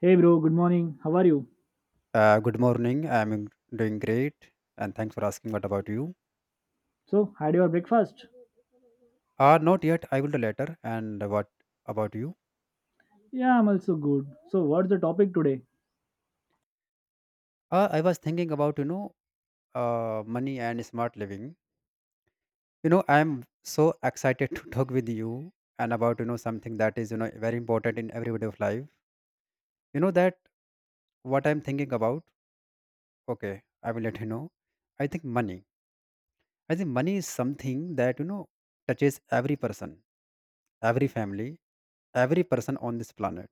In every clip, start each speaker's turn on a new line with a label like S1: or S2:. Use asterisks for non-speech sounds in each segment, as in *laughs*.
S1: Hey bro, good morning. How are you?
S2: Good morning. I'm doing great, and thanks for asking. What about you?
S1: So, had your breakfast?
S2: Not yet. I will do later. And what about you?
S1: Yeah, I'm also good. So, what's the topic today?
S2: I was thinking about money and smart living. You know, I'm so excited *laughs* to talk with you and about something that is very important in every day of life. You know that what I'm thinking about. Okay, I will let you know. I think money. I think money is something that touches every person, every family, every person on this planet.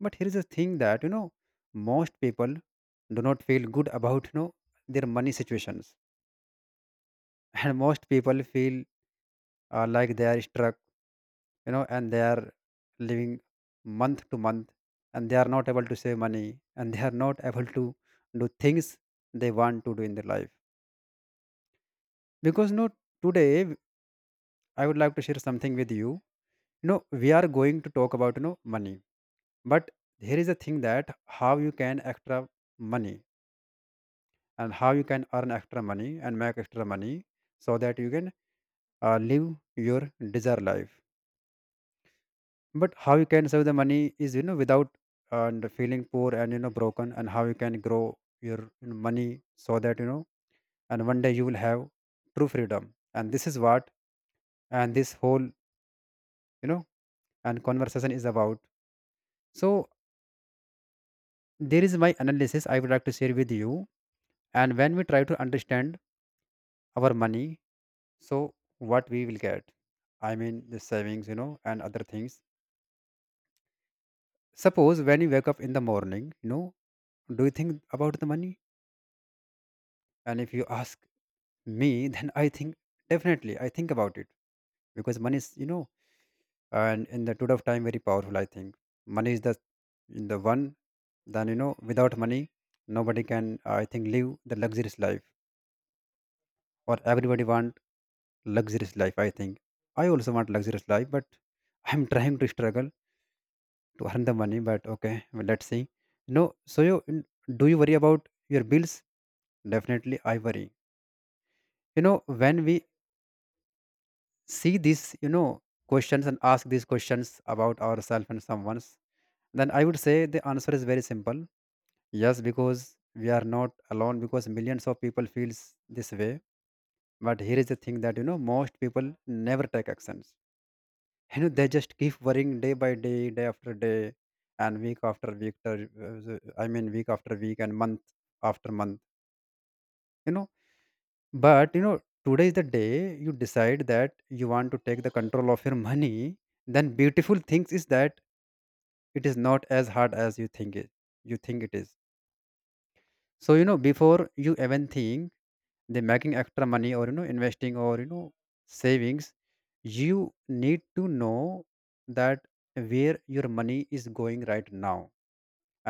S2: But here is the thing that most people do not feel good about their money situations, *laughs* and most people feel like they are struck, you know, and they are living month to month, and they are not able to save money, and they are not able to do things they want to do in their life. Because today I would like to share something with you. You know we are going to talk about money, but here is the thing that how you can extra money and how you can earn extra money and make extra money so that you can live your desired life, but how you can save the money is without and feeling poor and broken, and how you can grow your money so that and one day you will have true freedom. And this is what and this whole know and conversation is about. So there is my analysis I would like to share with you. And when we try to understand our money, so what we will get, I mean the savings and other things. Suppose when you wake up in the morning, do you think about the money? And if you ask me *laughs* then I think definitely I think about it, because money is and in the today of time very powerful. I think money is the in the one. Then you know without money nobody can, I think, live the luxurious life, or everybody want luxurious life. I think I also want luxurious life, but *laughs* I'm trying to struggle to earn the money, but okay, well, let's see. You know, so you, do you worry about your bills? Definitely I worry, you know. When we see these questions and ask these questions about ourselves and someone's, then I would say the answer is very simple. Yes, because we are not alone, because millions of people feels this way. But here is the thing that most people never take actions. You know they just keep worrying day by day, day after day, and week after week, I mean week after week and month after month. You know, but you know today is the day you decide that you want to take the control of your money. Then beautiful things is that it is not as hard as you think it is. So you know before you even think they making extra money or you know investing or you know savings, you need to know that where your money is going right now.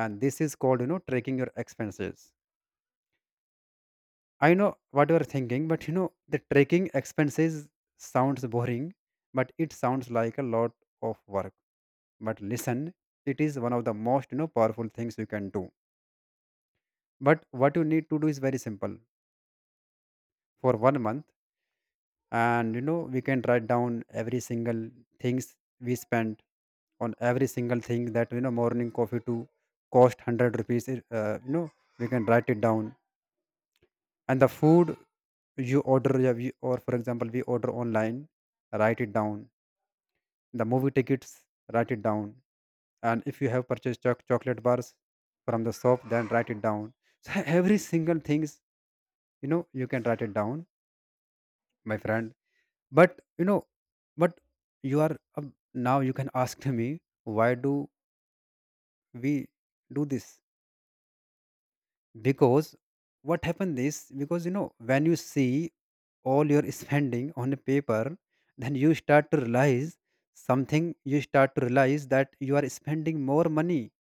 S2: And this is called tracking your expenses. I know what you are thinking, but you know the tracking expenses sounds boring, but it sounds like a lot of work. But listen, it is one of the most powerful things you can do. But what you need to do is very simple. For 1 month, and you know we can write down every single things we spent on, every single thing that morning coffee to cost 100 rupees, you know, we can write it down. And the food you order, yeah, or for example we order online, write it down. The movie tickets, write it down. And if you have purchased chocolate bars from the shop, then write it down. So *laughs* every single things you know you can write it down, my friend. But you know, but you are now you can *laughs* ask me, why do we do this? Because what happened is because you know when you see all your spending on a paper, then you start to realize something. You start to realize that you are spending more money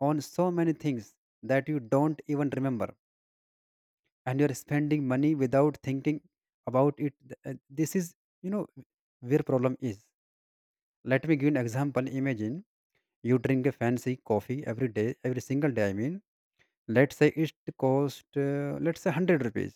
S2: on so many things that you don't even remember, and you're spending money without thinking about it. This is you know where problem is. Let me give an example. Imagine you drink a fancy coffee every day, every single day. I mean, let's say it cost, let's say 100 rupees.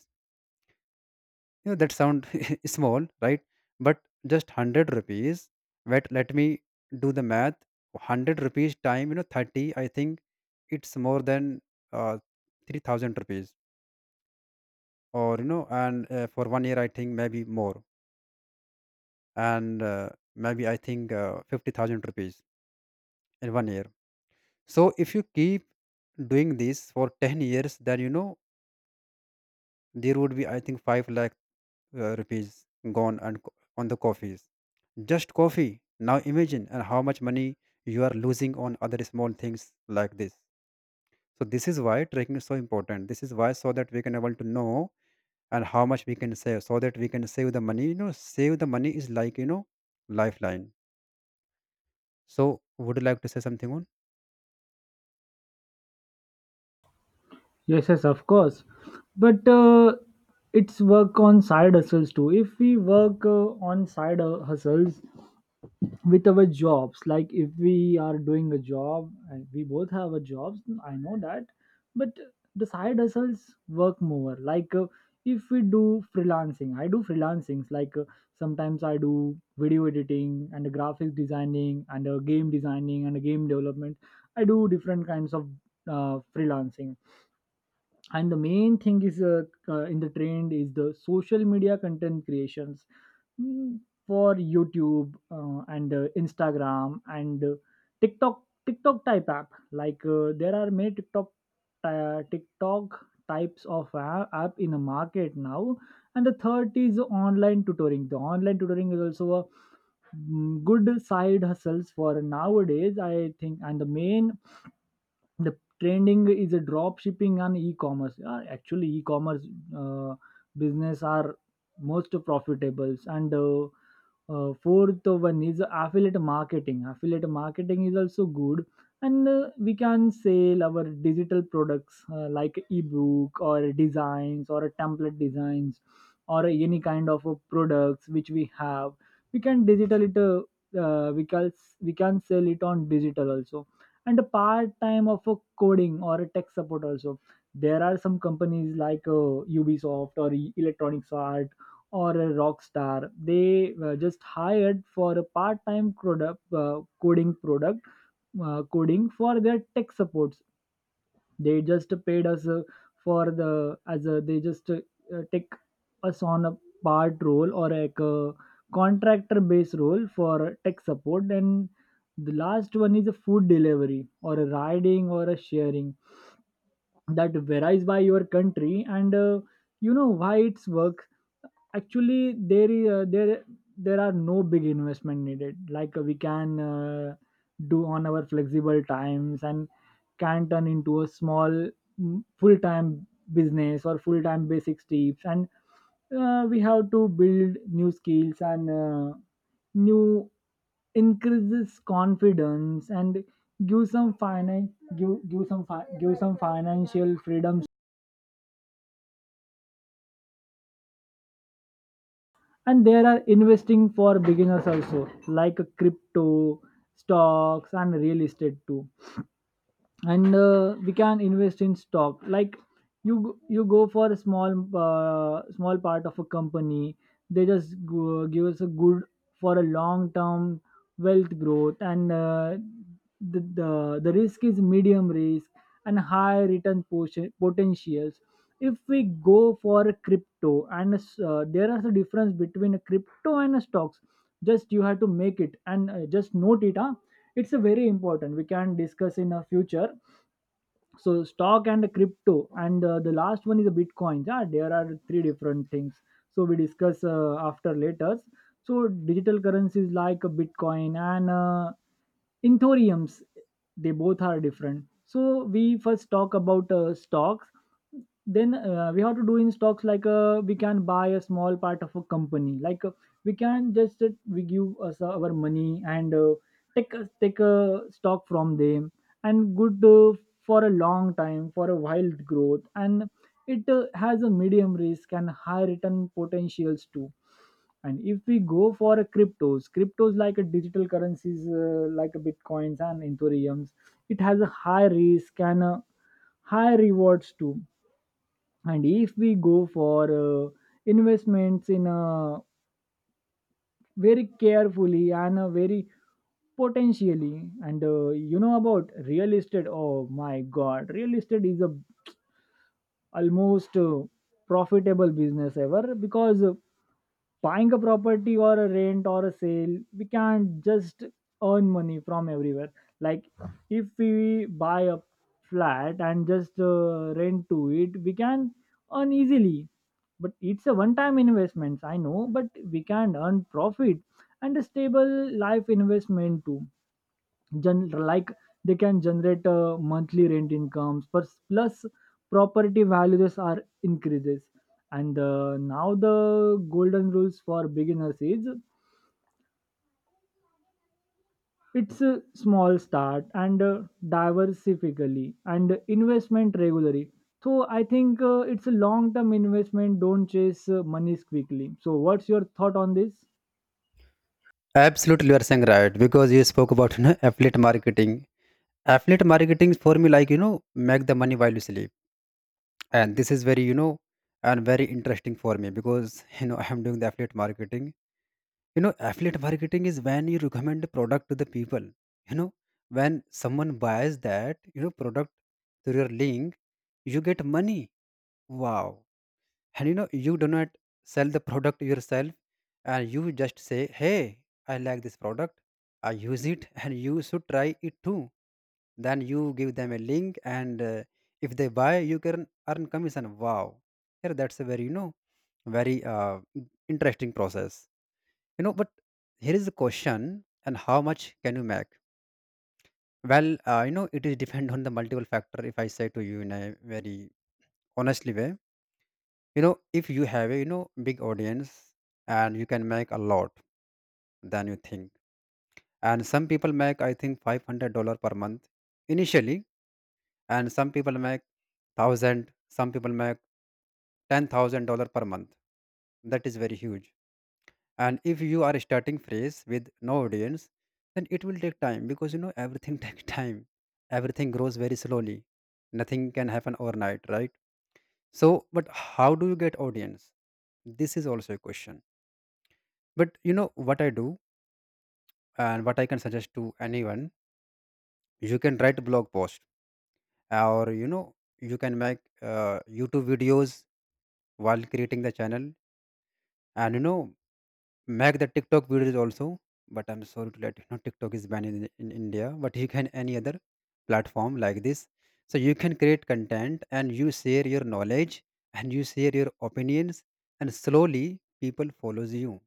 S2: You know that sound *laughs* small, right? But just 100 rupees. But let me do the math. 100 rupees time, you know, 30. I think it's more than uh, 3,000 rupees, or you know, and for 1 year, I think maybe more, and maybe I think 50,000 rupees in 1 year. So if you keep doing this for 10 years, then you know there would be, I think, 5 lakh rupees gone and on the coffees, just coffee. Now imagine and how much money you are losing on other small things like this. So this is why tracking is so important. This is why, so that we can able to know and how much we can save, so that we can save the money. You know save the money is like you know lifeline. So would you like to say something on?
S1: Yes, yes, of course. But it's work on side hustles too. If we work on side hustles, with our jobs, like if we are doing a job and we both have a jobs, I know that, but the side hustles work more like if we do freelancing. I do freelancings, like sometimes I do video editing and graphics designing and game designing and game development. I do different kinds of freelancing. And the main thing is in the trend is the social media content creations. Mm, for YouTube and Instagram and TikTok type app. Like there are many TikTok TikTok types of app in the market now, and the third is online tutoring. The online tutoring is also a mm, good side hustles for nowadays, I think. And the main, the trending is a drop shipping and e-commerce. Actually, e-commerce uh, business are most profitable, and fourth one is affiliate marketing. Affiliate marketing is also good, and we can sell our digital products like ebook or designs or template designs, or any kind of products which we have. We can digital it uh, we can we can sell it on digital also. And a part time of a coding or a tech support also, there are some companies like Ubisoft or Electronics Art, or a Rockstar. They just hired for a part time product coding product coding for their tech supports. They just paid us for the, as a, they just take us on a part role, or like a contractor based role for tech support. And the last one is a food delivery or a riding or a sharing. That varies by your country. And you know why it's work, actually there is there are no big investment needed, like we can do on our flexible times and can turn into a small mm, full-time business or full-time basic tips. And we have to build new skills and new, increases confidence and give some finance, give some give some financial freedoms. And there are investing for beginners also, like crypto, stocks and real estate too. And we can invest in stock. Like you go for a small small part of a company. They just go, give us a good, for a long term wealth growth. And the risk is medium risk and high return potentials. If we go for a crypto and there is a difference between a crypto and a stocks. Just you have to make it, and just note it, huh? It's a very important, we can discuss in a future. So stock and crypto, and the last one is a bitcoin. Yeah, there are three different things. So we discuss after later. So digital currencies, like a bitcoin and Inthoriums, they both are different. So we first talk about stocks. Then we have to do in stocks, like we can buy a small part of a company. Like we can just we give us our money, and take a stock from them, and good for a long time for a wild growth. And it has a medium risk and high return potentials too. And if we go for a cryptos, like a digital currencies like a bitcoins and ethereums, it has a high risk and high rewards too. And if we go for investments in a very carefully, and very potentially. And you know about real estate, oh my god, real estate is a almost profitable business ever, because buying a property or a rent or a sale, we can't just earn money from everywhere. Like if we buy a flat and just rent to it, we can earn easily. But it's a one time investments, I know, but we can earn profit and a stable life investment too. Like they can generate monthly rent incomes, plus property values are increases. And now the golden rules for beginners is it's a small start, and diversifically and investment regularly. So I think it's a long term investment. Don't chase monies quickly. So what's your thought on this?
S2: Absolutely, you are saying right, because you spoke about affiliate marketing. Affiliate marketing for me like you know make the money while you sleep, and this is very and very interesting for me, because *laughs* you know I am doing the affiliate marketing. You know affiliate marketing is when you recommend a product to the people, you know, when someone buys that product through your link, you get money. Wow. And you know you do not sell the product yourself, and you just say, hey, I like this product, I use it, *laughs* and you should try it too. Then you give them a link, and if they buy, you can earn commission. Wow, here that's a very very interesting process, you know. But here is the question, and how much can you make? Well, you know it is depend on the multiple factor. If I say to you in a very honestly way, you know, if you have a you know big audience, and you can make a lot than you think. And some people make I think $500 per month initially, and some people make 1000, some people make $10,000 per month. That is very huge. And if you are starting fresh with no audience, then it will take time, because you know everything *laughs* takes time. Everything grows very slowly. Nothing can happen overnight, right? So, but how do you get audience? This is also a question. But you know what I do and what I can suggest to anyone, you can write blog post or you know you can make YouTube videos while creating the channel. And you know make the TikTok videos also. But I'm sorry to let you know TikTok is banned in India, but you can any other platform like this. So you can create content, and you share your knowledge and you share your opinions, and slowly people follows you,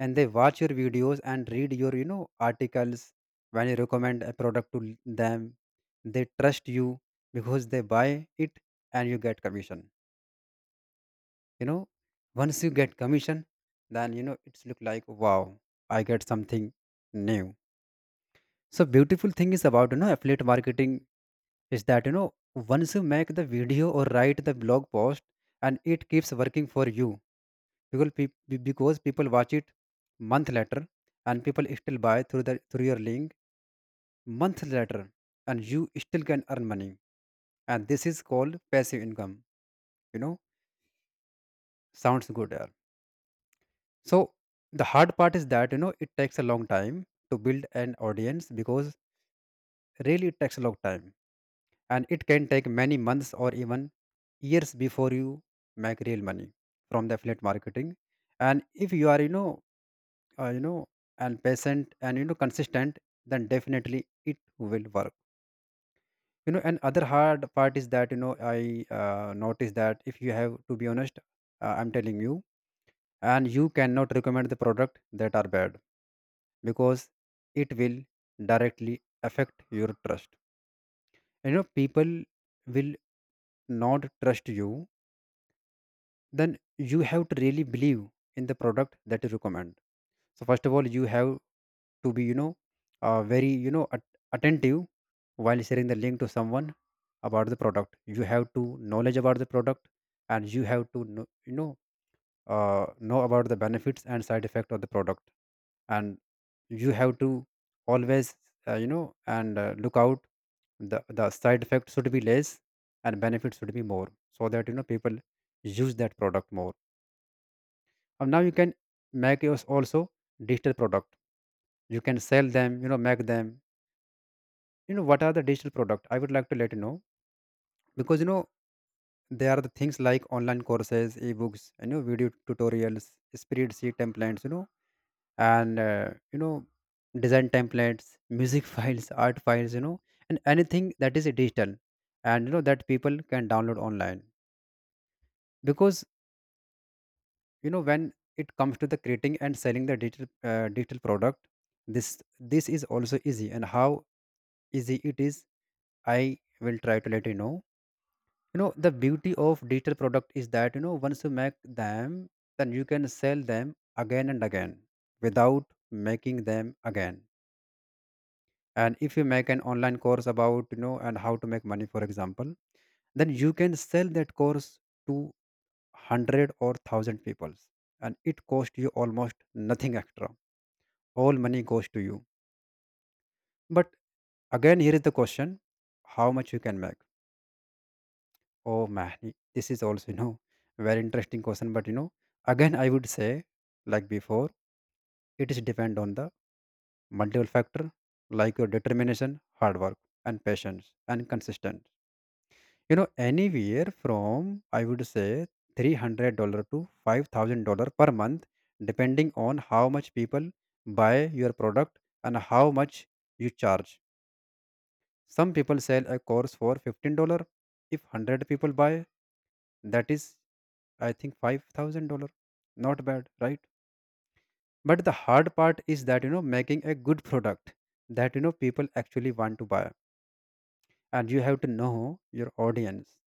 S2: and they watch your videos and read your you know articles. When you recommend a product to them, they trust you, because they buy it, and you get commission, you know. Once you get commission, then you know it's look like, wow, I get something new. So beautiful thing is about you know affiliate marketing is that you know once you make the video or write the blog post, and it keeps working for you, because because people watch it month later, and people still buy through the through your link month later, and you still can earn money. And this is called passive income, you know. Sounds good, yeah. So the hard part is that, you know, it takes a long time to build an audience because really it takes a long time, and it can take many months or even years before you make real money from the affiliate marketing. And if you are, you know, and patient and, you know, consistent, then definitely it will work, you know. And other hard part is that, you know, I noticed that if you have to be honest, I'm telling you, and you cannot recommend the product that are bad, because it will directly affect your trust, you know. People will not trust you. Then you have to really believe in the product that you recommend. So first of all you have to be, you know, very, you know, attentive while sharing the link to someone. About the product, you have to knowledge about the product, and you have to know, you know, know about the benefits and side effect of the product. And you have to always, you know, and look out, the side effect should be less and benefits should be more, so that, you know, people use that product more. And now you can make yours also digital product, you can sell them, you know, make them. You know what are the digital product? I would like to let you know, because, you know, there are the things like online courses, ebooks, you know, video tutorials, spreadsheet templates, you know, and you know, design templates, music *laughs* files, art files, you know, and anything that is digital, and you know, that people can download online. Because, you know, when it comes to the creating and selling the digital digital product, this is also easy. And how easy it is, I will try to let you know. You know, the beauty of digital product is that, you know, once you make them, then you can sell them again and again, without making them again. And if you make an online course about, you know, and how to make money, for example, then you can sell that course to 100 or 1000 people, and it cost you almost nothing extra. All money goes to you. But again, here is the question: how much you can make? Oh man, this is also, you know, very interesting question. But, you know, again I would say, like before, it is depend on the multiple factor, like your determination, hard work, and patience, and consistency. You know, anywhere from I would say $300 to $5,000 per month, depending on how much people buy your product and how much you charge. Some people sell a course for $15. If 100 people buy, that is, I think, $5,000. Not bad, right? But the hard part is that, you know, making a good product that, you know, people actually want to buy. And you have to know your audience,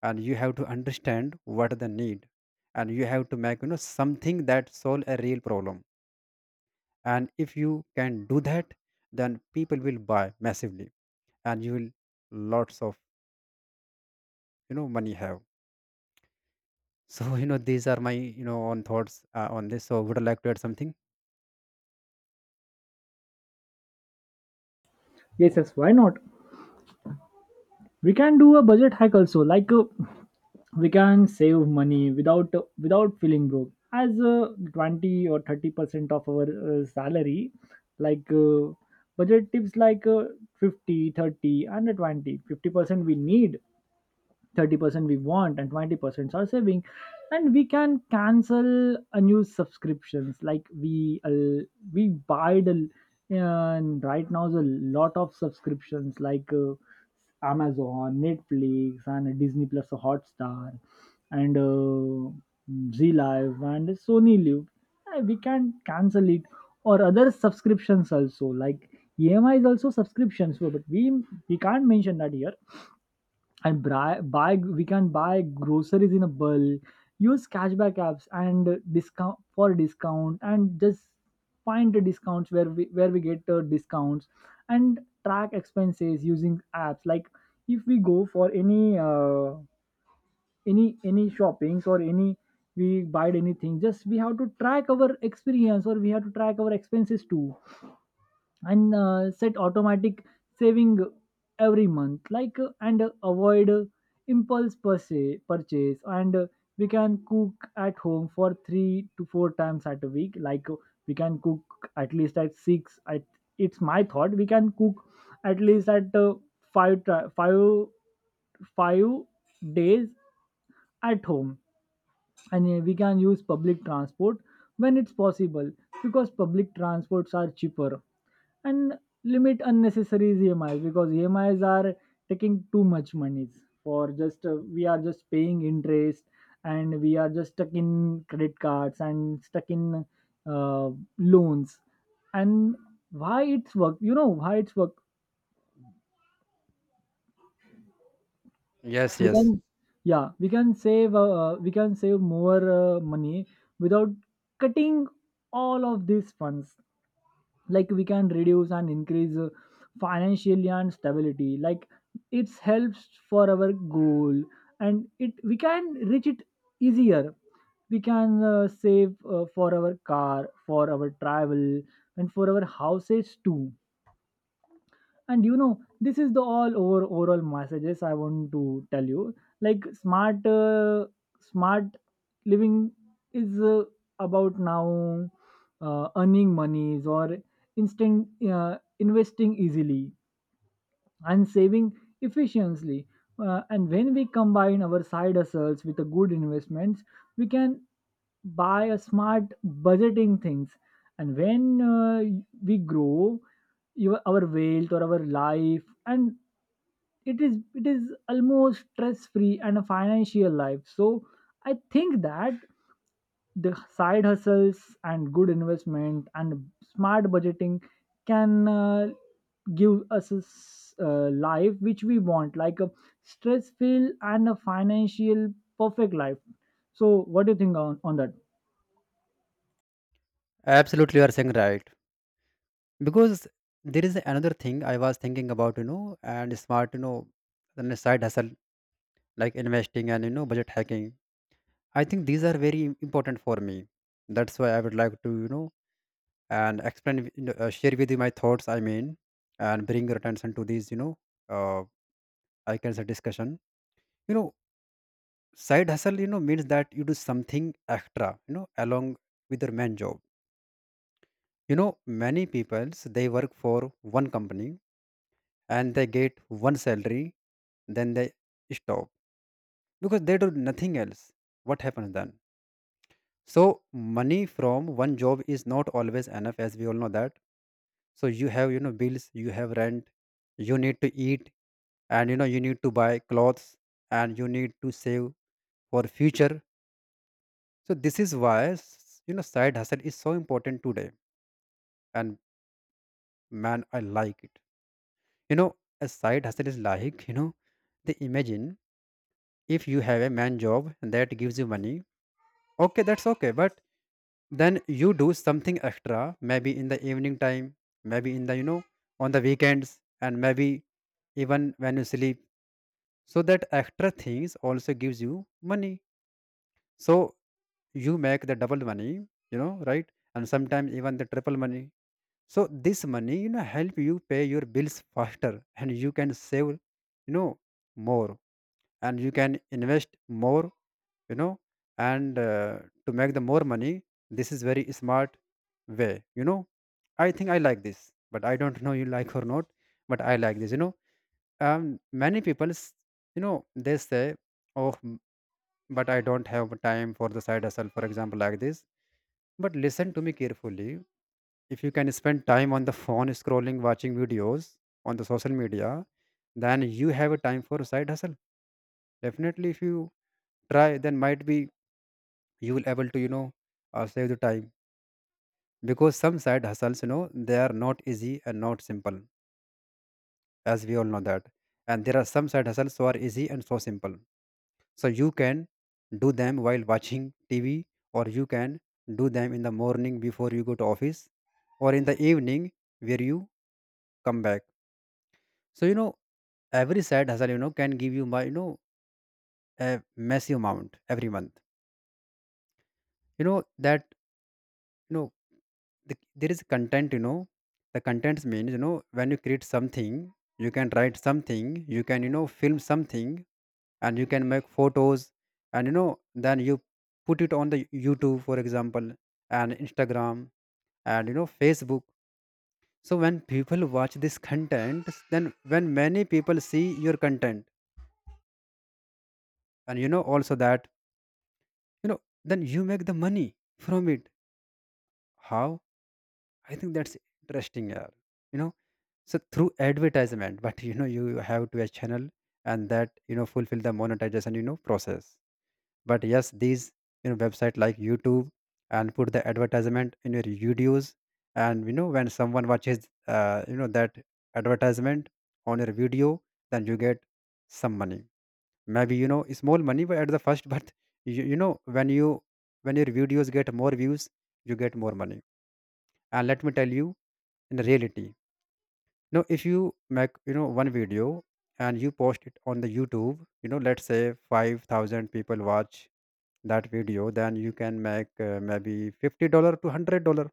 S2: and you have to understand what the need, and you have to make, you know, something that solve a real problem. And if you can do that, then people will buy massively, and you will lots of, you know, money have. *laughs* So, you know, these are my, you know, own thoughts on this. So would I like to add something?
S1: Yes, yes, why not. We can do a budget hack also, like we can save money without feeling broke, as 20 or 30% of our salary. Like budget tips, like 50 30 and 20, 50% we need, 30% we want, and 20% are saving. And we can cancel a new subscriptions, like we buy the, and right now there's a lot of subscriptions like Amazon, Netflix and Disney Plus Hotstar, and Z Live and Sony Live. We can cancel it, or other subscriptions also, like EMI is also subscriptions, but we can't mention that here. And buy we can buy groceries in a bulk, use cashback apps and discount for discount, and just find the discounts where we get the discounts. And track expenses using apps, like if we go for any any shoppings, or any, we buy anything, just we have to track our experience, or we have to track our expenses too. And set automatic saving every month, like and avoid impulse purchase and we can cook at home for 3 to 4 times at a week. Like we can cook at least at 6, at, it's my thought, we can cook at least at 5 ti- 5 5 days at home. And we can use public transport when it's possible, because public transports are cheaper. And limit unnecessary EMIs, because EMIs are taking too much monies, for just we are just paying interest, and we are just stuck in credit cards and stuck in uh, loans. And why it's work, you know why it's work?
S2: Yes,
S1: We can,
S2: yes,
S1: yeah, we can save more money without cutting all of these funds. Like we can reduce and increase financially and stability, like it helps for our goal, and it, we can reach it easier. We can save for our car, for our travel, and for our houses too. And you know, this is the all over overall messages I want to tell you. Like smart smart living is about now earning monies, or instant investing easily, and saving efficiently. And when we combine our side hustles with a good investments, we can buy a smart budgeting things. And when we grow your, our wealth or our life, and it is almost stress free and a financial life. So I think that the side hustles and good investment and smart budgeting can give us life which we want, like a stress filled and a financial perfect life. So what do you think on that?
S2: absolutely, you are saying right. Because there is another thing I was thinking about, you know, and smart, you know, then the side hustle, like investing, and you know, budget hacking. I think these are very important for me. That's why I would like to, you know, and explain, you know, share with you my thoughts. I mean, and bring your attention to these, you know, uh, I can say discussion. You know, side hustle, you know, means that you do something extra, you know, along with your main job. You know, many people, they work for one company and they get one salary, then they stop because they do nothing else. What happens then? So money from one job is not always enough, as we all know that. So you have, you know, bills, you have rent, you need to eat, and you know, you need to buy clothes, and you need to save for future. So this is why, you know, side hustle is so important today. And man, I like it, you know. A side hustle is like, you know, they imagine, if you have a man job that gives you money, okay, that's okay, but then you do something extra, maybe in the evening time, maybe in the, you know, on the weekends, and maybe even when you sleep. So that extra things also gives you money. So you make the double money, you know, right? And sometimes even the triple money. So this money, you know, help you pay your bills faster, and you can save, you know, more, and you can invest more, you know, and to make the more money. This is very smart way, you know. I think I like this, but I don't know you like or not. But I like this, you know. Many people, you know, they say, oh, but I don't have time for the side hustle, for example, like this. But listen to me carefully. If you can spend time on the phone scrolling, watching videos on the social media, then you have a time for side hustle. Definitely, if you try, then might be you will able to, you know, save the time, because some side hustles, you know, they are not easy and not simple, as we all know that, and there are some side hustles who are easy and so simple. So you can do them while watching TV, or you can do them in the morning before you go to office, or in the evening where you come back. So, you know, every side hustle, you know, can give you my, you know, a massive amount every month, you know. That, you know, there is content, you know. The contents means, you know, when you create something, you can write something, you can, you know, film something, and you can make photos, and you know, then you put it on the YouTube, for example, and Instagram, and you know, Facebook. So when people watch this content, then when many people see your content, and you know also that, you know, then you make the money from it. How? I think that's interesting, yeah, you know. So through advertisement, *laughs* but you know, you have to a channel, and that, you know, fulfill the monetization, you know, process. But yes, these, you know, website like YouTube, and put the advertisement in your videos. And you know, when someone watches, you know, that advertisement on your video, then you get some money, maybe, you know, small money but at the first. *laughs* But you know, when you, when your videos get more views, you get more money. And let me tell you, in reality, now if you make, you know, one video, and you post it on the YouTube, you know, let's say 5,000 people watch that video, then you can make maybe $50 to $100.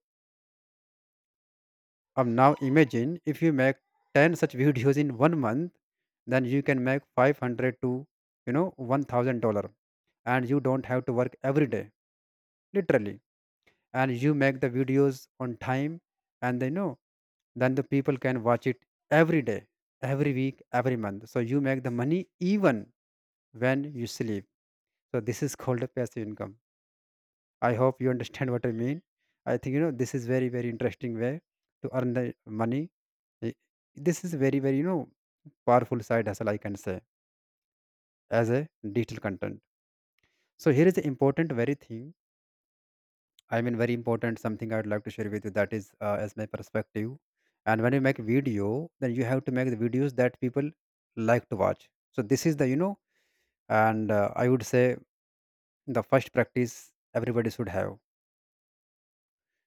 S2: Now imagine if you make 10 such videos in one month, then you can make 500 to, you know, $1000, and you don't have to work every day, literally. And you make the videos on time, and they know, then the people can watch it every day, every week, every month. So you make the money even when you sleep. So this is called a passive income. I hope you understand what I mean. I think, you know, this is very very interesting way to earn the money. Eh, this is very very, you know, powerful side hustle, I can say, as a digital content. So here is the important very thing. I mean, very important something I would like to share with you, that is as my perspective. And when you make video, then you have to make the videos that people like to watch. So this is the, you know, and I would say the first practice everybody should have.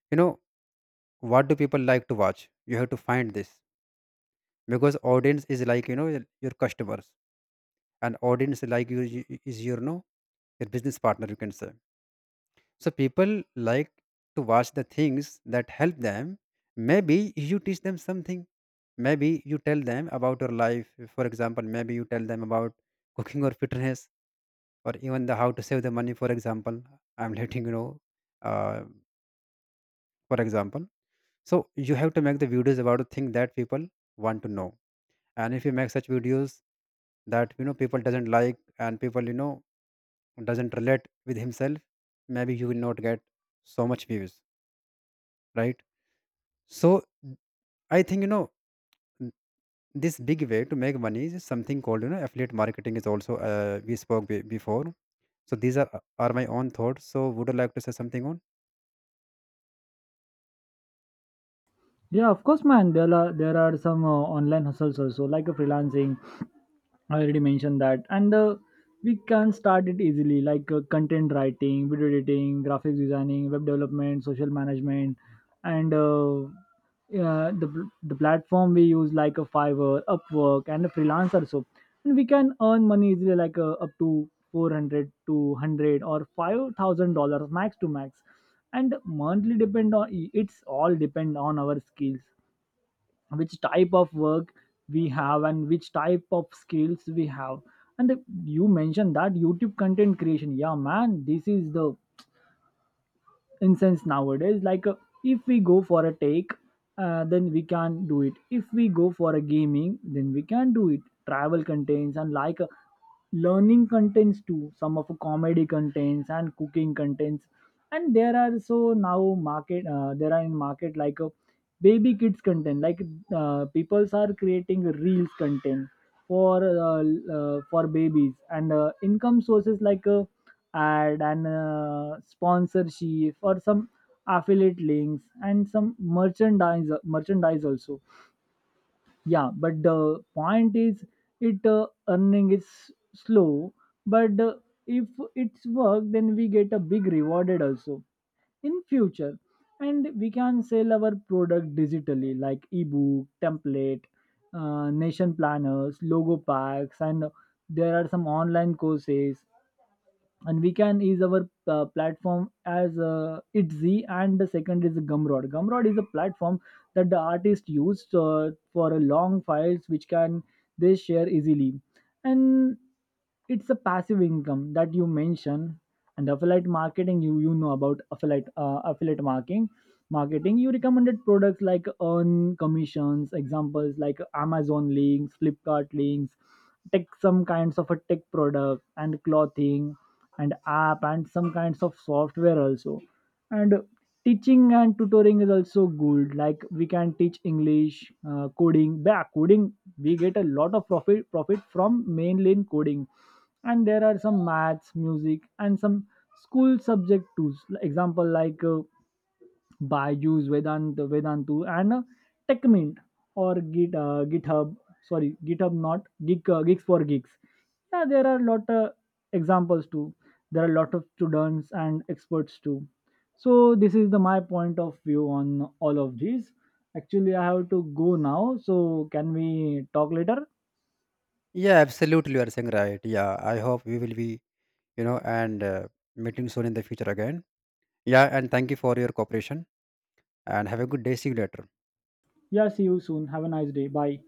S2: You know, what do people like to watch? You have to find this, because audience is like, you know, your customers, and audience like, is your, no, your business partner, you can say. So people like to watch the things that help them. Maybe you teach them something, maybe you tell them about your life, for example. Maybe you tell them about cooking or fitness, or even the how to save the money, for example, I'm letting you know, uh, for example. So you have to make the videos about a thing that people want to know. And if you make such videos that, you know, people doesn't like, and people, you know, doesn't relate with himself, maybe you will not get so much views, right? So I think, you know, this big way to make money is something called, you know, affiliate marketing, is also, we spoke before. So these are my own thoughts. So would you like to say something on?
S1: Yeah, of course, man. There are some online hustles also, like a freelancing. I already mentioned that. And we can start it easily, like content writing, video editing, graphics designing, web development, social management. And yeah, the platform we use, like a Fiverr, Upwork, and a freelancer. So, and we can earn money easily, like up to 400 to $100 or $5,000, max to max. And monthly, depend on, it's all depend on our skills, which type of work we have and which type of skills we have. And you mentioned that YouTube content creation. Yeah, man, this is the incense nowadays. Like if we go for a take then we can do it, if we go for a gaming, then we can do it. Travel contains, and like learning contents too, some of comedy contents and cooking contents. And there are so now market there are in market like a baby kids content. Like peoples are creating reels content for for babies. And income sources, like ad and sponsorship, or some affiliate links, and some merchandise also. Yeah, but the point is, it earning is slow, but if it's work, then we get a big rewarded also in future. And we can sell our product digitally, like ebook template nation planners, logo packs. And there are some online courses, and we can use our platform as Itzy, and the second is Gumroad. Gumroad is a platform that the artist used for a long files, which can they share easily. And it's a passive income that you mentioned. And affiliate marketing, you know about affiliate marketing you recommended products, like earn commissions. Examples like Amazon links, Flipkart links, tech, some kinds of a tech product and clothing, and app, and some kinds of software also. And teaching and tutoring is also good, like we can teach English, coding, back coding. We get a lot of profit from mainline coding. And there are some maths, music, and some school subject tools. Like example like Byju's, Vedantu, and Techmint, or GitHub. Sorry, GitHub, not Geeks for Geeks. Yeah, there are a lot of examples too, there are a lot of students and experts too. So this is the my point of view on all of these. Actually, I have to go now, so can we talk later?
S2: Yeah, absolutely, you are saying right. Yeah, I hope we will be, you know, and meeting soon in the future again. Yeah, and thank you for your cooperation, and have a good day, see you later.
S1: Yeah, see you soon, have a nice day, bye.